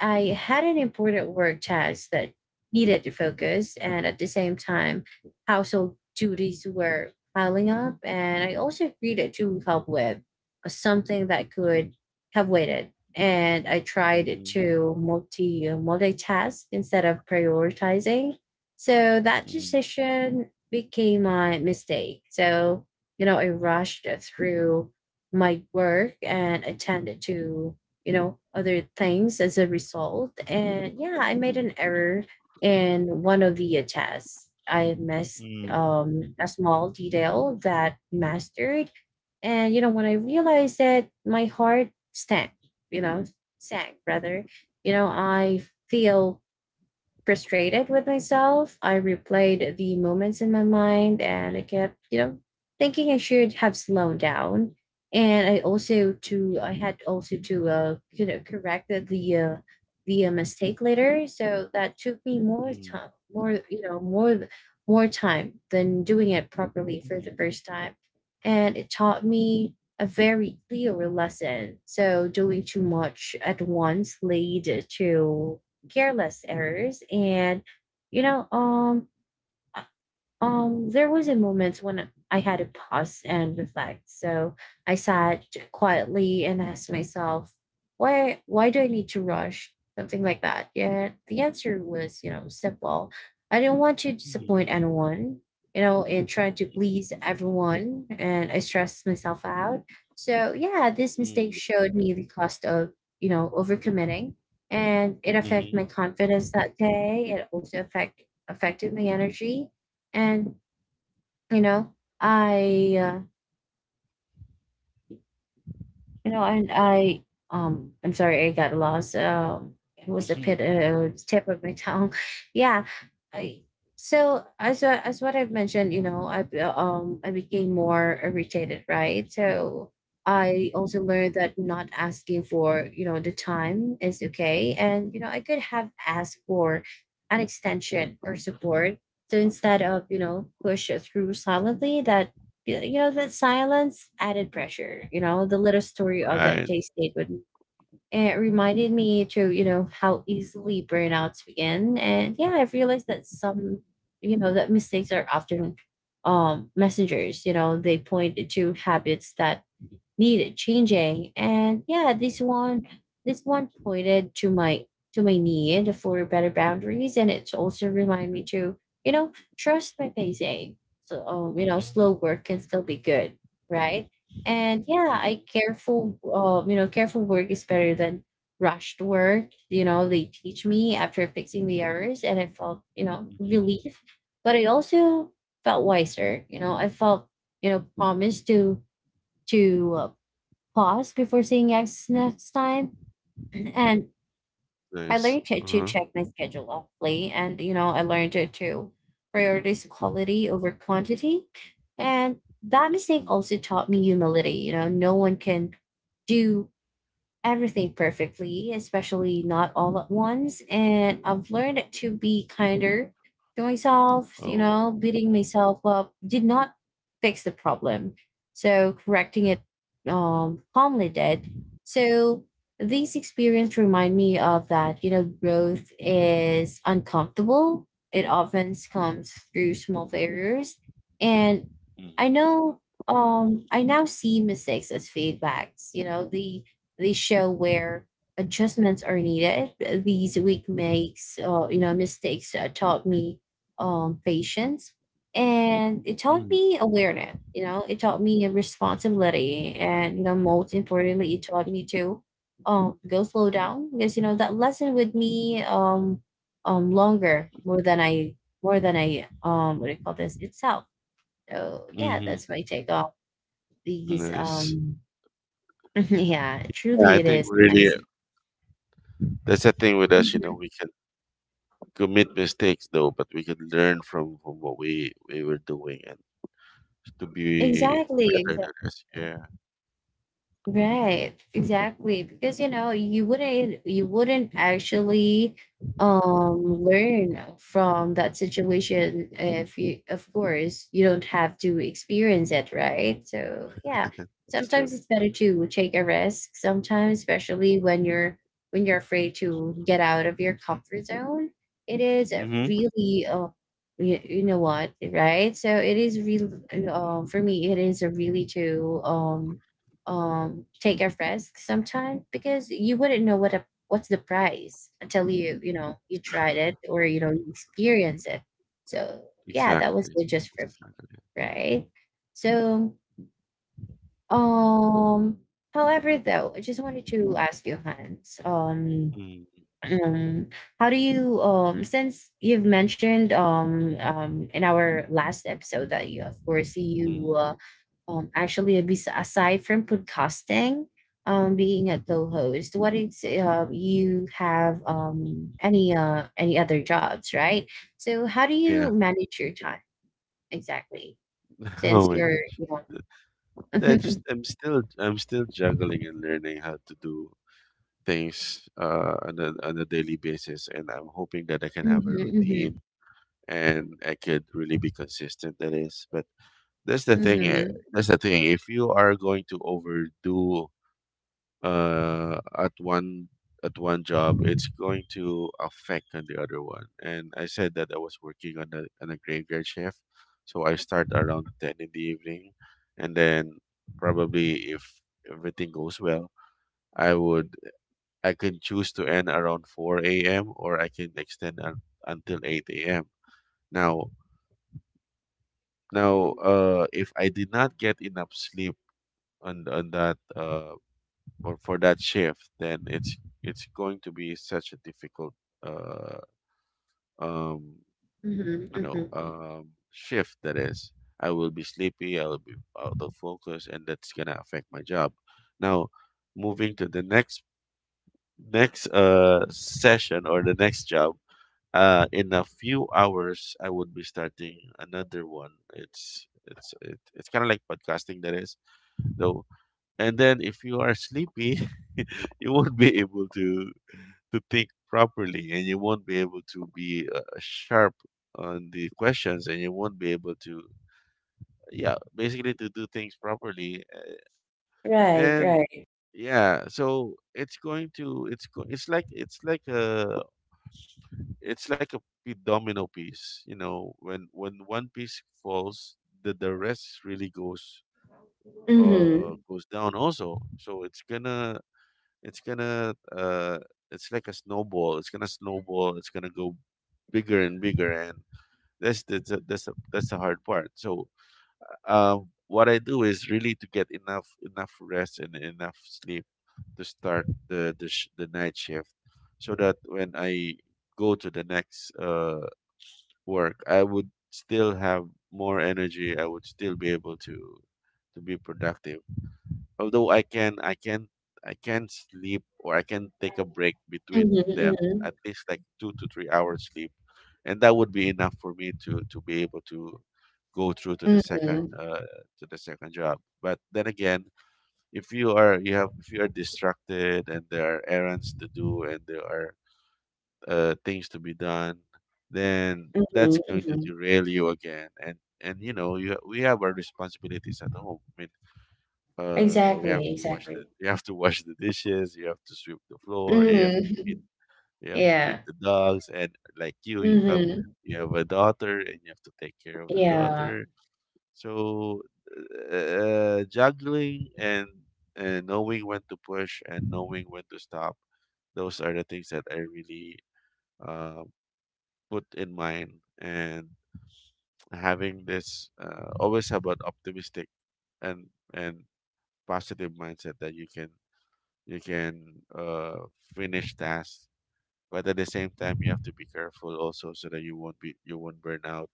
S1: I had an important work task that needed to focus, and at the same time, household duties were piling up, and I also agreed to help with something that could have waited. And I tried to multitask instead of prioritizing. So
S2: mm,
S1: that
S2: mm,
S1: decision became my mistake. So, you know, I rushed through my work and attended to you know other things as a result. And yeah, I made an error in one of the tests. I missed
S2: mm,
S1: a small detail that mastered. And you know when I realized that, my heart sank, you know, sank rather, you know I feel frustrated with myself. I replayed the moments in my mind and I kept thinking I should have slowed down. And I had also to correct the mistake later. So that took me more
S2: mm,
S1: time, more you know more more time than doing it properly for
S2: mhm,
S1: the first time. And it taught me a very clear lesson. So doing too much at once lead to careless errors, and you know um there was a moment when I had to pause and reflect. So I sat quietly and asked myself, why do I need to rush? Something like that. Yeah, the answer was, simple. I didn't want to
S2: mhm,
S1: disappoint anyone, and try to please everyone and I stressed myself out. So yeah, this mistake
S2: mm,
S1: showed me the cost of, overcommitting, and it affected my
S2: mhm,
S1: confidence that day. It also affected my energy. And you know, I you know, and I I'm sorry, I got lost. It was a
S2: mhm,
S1: bit tip of my tongue. yeah, I so as I- as what I've mentioned, I became more irritated, right? So
S2: mhm.
S1: I also learned that not asking for the time is okay, and I could have asked for an extension or support. So instead of push it through silently, that that silence added pressure, the little story of that
S2: Right.
S1: day statement. It reminded me to how easily burnouts begin. And yeah, I've realized that some you know that mistakes are often messengers. They point to habits that needed changing. And yeah, this one pointed to my need for better boundaries, and it's also remind me to you know trust my pacing. So
S2: Mhm,
S1: slow work can still be good, right? And yeah, I
S2: mhm,
S1: careful. You know, careful work is better than rushed work. They teach me after fixing the errors, and I felt
S2: mhm.
S1: relief, but I also felt wiser. I felt promised to to uh, pause before saying yes next time. And I
S2: Nice.
S1: learned to
S2: Uh-huh.
S1: check my schedule locally. And, I learned to prioritize quality over quantity. And that mistake
S2: Mm.
S1: also taught me humility. No one can do everything perfectly, especially not all at once. And I've learned to be kinder to myself.
S2: Oh.
S1: Beating myself up did not fix the problem. So correcting it calmly did. So these experience remind me of that, growth is uncomfortable. It often comes through small failures. And
S2: mm,
S1: I know I now see mistakes as feedbacks. They show where adjustments are needed. These weak makes, you know, mistakes taught me patience, and it taught
S2: mm,
S1: me awareness. It taught me a responsibility, and most importantly, it taught me to go slow down because that lesson with me longer more than I what do you call this itself. So yeah,
S2: mhm.
S1: that's my take on these
S2: Nice.
S1: yeah,
S2: Yeah,
S1: truly
S2: I
S1: it
S2: think
S1: is.
S2: really
S1: Nice.
S2: that's the thing with us, you know,
S1: Mhm.
S2: we can commit mistakes though, but we can learn from what we were doing and to be
S1: Exactly.
S2: better than us. Yeah,
S1: Right, exactly. Because you wouldn't actually learn from that situation if you, of course, you don't have to experience it, right? So yeah,
S2: that's true.
S1: sometimes it's better to take a risk sometimes, especially when you're afraid to get out of your comfort zone. It is a
S2: Mm-hmm.
S1: really you know what, right? So it is really, for me it is a really to take a risk sometime, because you wouldn't know what's the price until you know you tried it, or you experience it. So yeah, that was
S2: Exactly.
S1: it just for me.
S2: Exactly.
S1: Right. So, um however though, I just wanted to ask you, Hans.
S2: Mm-hmm.
S1: Um how do you, since you've mentioned in our last episode that you, of course, you actually, aside from podcasting, being a co-host, what is, you have any other jobs, right? So, how do you
S2: Yeah.
S1: manage your time exactly? Since
S2: Oh my
S1: you're,
S2: gosh.
S1: you know,
S2: Th- I just, I'm still juggling and learning how to do things on a daily basis, and I'm hoping that I can have a routine,
S1: Mhm,
S2: and I could really be consistent. That is, but that's the thing.
S1: mhm,
S2: That's the thing. If you are going to overdo uh, at one at one job, it's going to affect on the other one. And I said that I was working on a graveyard shift, so I start around ten in the evening, and then probably if everything goes well, I would I can choose to end around four a.m. or I can extend until eight a.m. Now now, if I did not get enough sleep on that or for that shift, then it's going to be such a difficult uh um
S1: mhm, mhm, mhm.
S2: shift that is. I will be sleepy, I will be out of focus, and that's gonna affect my job. Now, moving to the next session or the next job. In a few hours, I would be starting another one. It's kind of like podcasting that is, though. And then if you are sleepy you won't be able to think properly, and you won't be able to be sharp on the questions, and you won't be able to, yeah, basically to do things properly,
S1: Right,
S2: and
S1: right.
S2: yeah, so it's going it's like it's like a domino piece, you know, when one piece falls, the rest really goes,
S1: Mm-hmm.
S2: goes down also. So it's gonna uh it's like a snowball, it's gonna snowball, it's gonna go bigger and bigger. And that's that's the hard part. So what I do is really to get enough rest and enough sleep to start the night shift, so that when I go to the next work, I would still have more energy, I would still be able to be productive, although I can sleep or I can take a break between them,
S1: Mm-hmm.
S2: at least like two to three hours sleep, and that would be enough for me to be able to go through
S1: Mm-hmm.
S2: to the second job. But then again, if you are you have if you are distracted and there are errands to do and there are things to be done, then that's
S1: Mm-hmm.
S2: going to
S1: Mm-hmm.
S2: derail you again. And you know, you we have our responsibilities at home. I mean, we have
S1: Exactly.
S2: to wash the
S1: Exactly.
S2: you have to wash the dishes, you have to sweep the floor, and you have to
S1: Mm-hmm.
S2: feed you have to feed
S1: Yeah.
S2: the dogs, and like you have
S1: Mm-hmm.
S2: a daughter, and you have to take care of the
S1: Yeah.
S2: daughter. So, juggling and knowing when to push and knowing when to stop, those are the things that I really, uh, put in mind, and having this, always about optimistic and and positive mindset that you can uh finish tasks, but at the same time you have to be careful also, so that you won't burn out.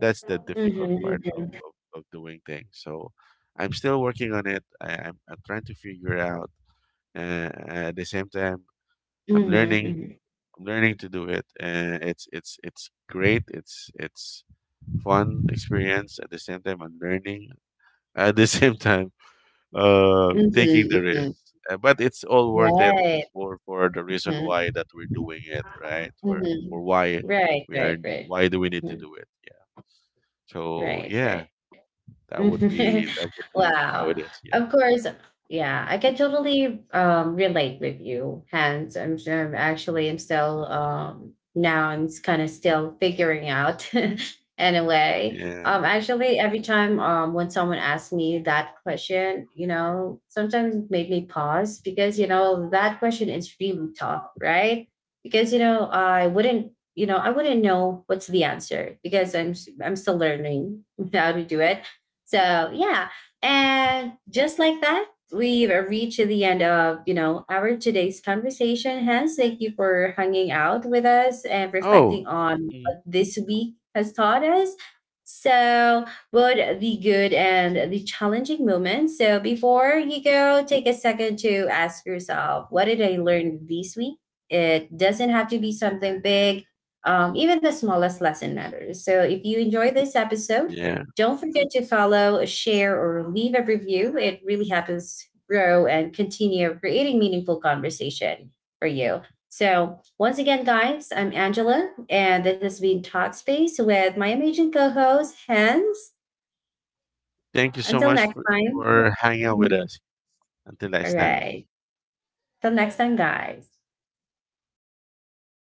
S2: That's the difficult
S1: Mm-hmm.
S2: part
S1: Mm-hmm.
S2: of doing things. So I'm still working on it. I'm trying to figure out, at the same time I'm
S1: Mhm,
S2: learning,
S1: mhm.
S2: I'm learning to do it. It's great, it's fun experience. At the same time, I'm learning, at the same time,
S1: Mhm,
S2: taking the risk.
S1: mhm.
S2: But it's all worth it
S1: Right.
S2: for the reason
S1: Mhm,
S2: why that we're doing it, right? For for
S1: mhm.
S2: why
S1: Right,
S2: we are
S1: right, right.
S2: why do we need to
S1: Mm,
S2: do it? Yeah. So
S1: right,
S2: yeah,
S1: right.
S2: that would be how it
S1: Wow.
S2: is. Yeah.
S1: Of course. Yeah, I can totally relate with you, Hence. I'm sure, I'm actually,
S2: Mhm.
S1: I'm still, now I'm kind of still figuring out anyway.
S2: Yeah.
S1: Actually, every time, when someone asks me that question, sometimes it made me pause, because that question is really tough, right? Because I wouldn't know what's the answer, because I'm still learning how to do it. So yeah, and just like that, we've reached the end of our today's conversation. Hence, thank you for hanging out with us and
S2: Oh.
S1: reflecting on
S2: Mhm.
S1: what this week has taught us. So, both the good and the challenging moments. So, before you go, take a second to ask yourself, what did I learn this week? It doesn't have to be something big. Even the smallest lesson matters. So, if you enjoy this episode,
S2: Yeah.
S1: don't forget to follow, share, or leave a review. It really helps grow and continue creating meaningful conversation for you. So, once again, guys, I'm Angela, and this has been Talkspace with my amazing co host, Hans.
S2: Thank you so
S1: Until
S2: much
S1: next time.
S2: for hanging out with us. Until next
S1: All
S2: time.
S1: right. Till next time, guys.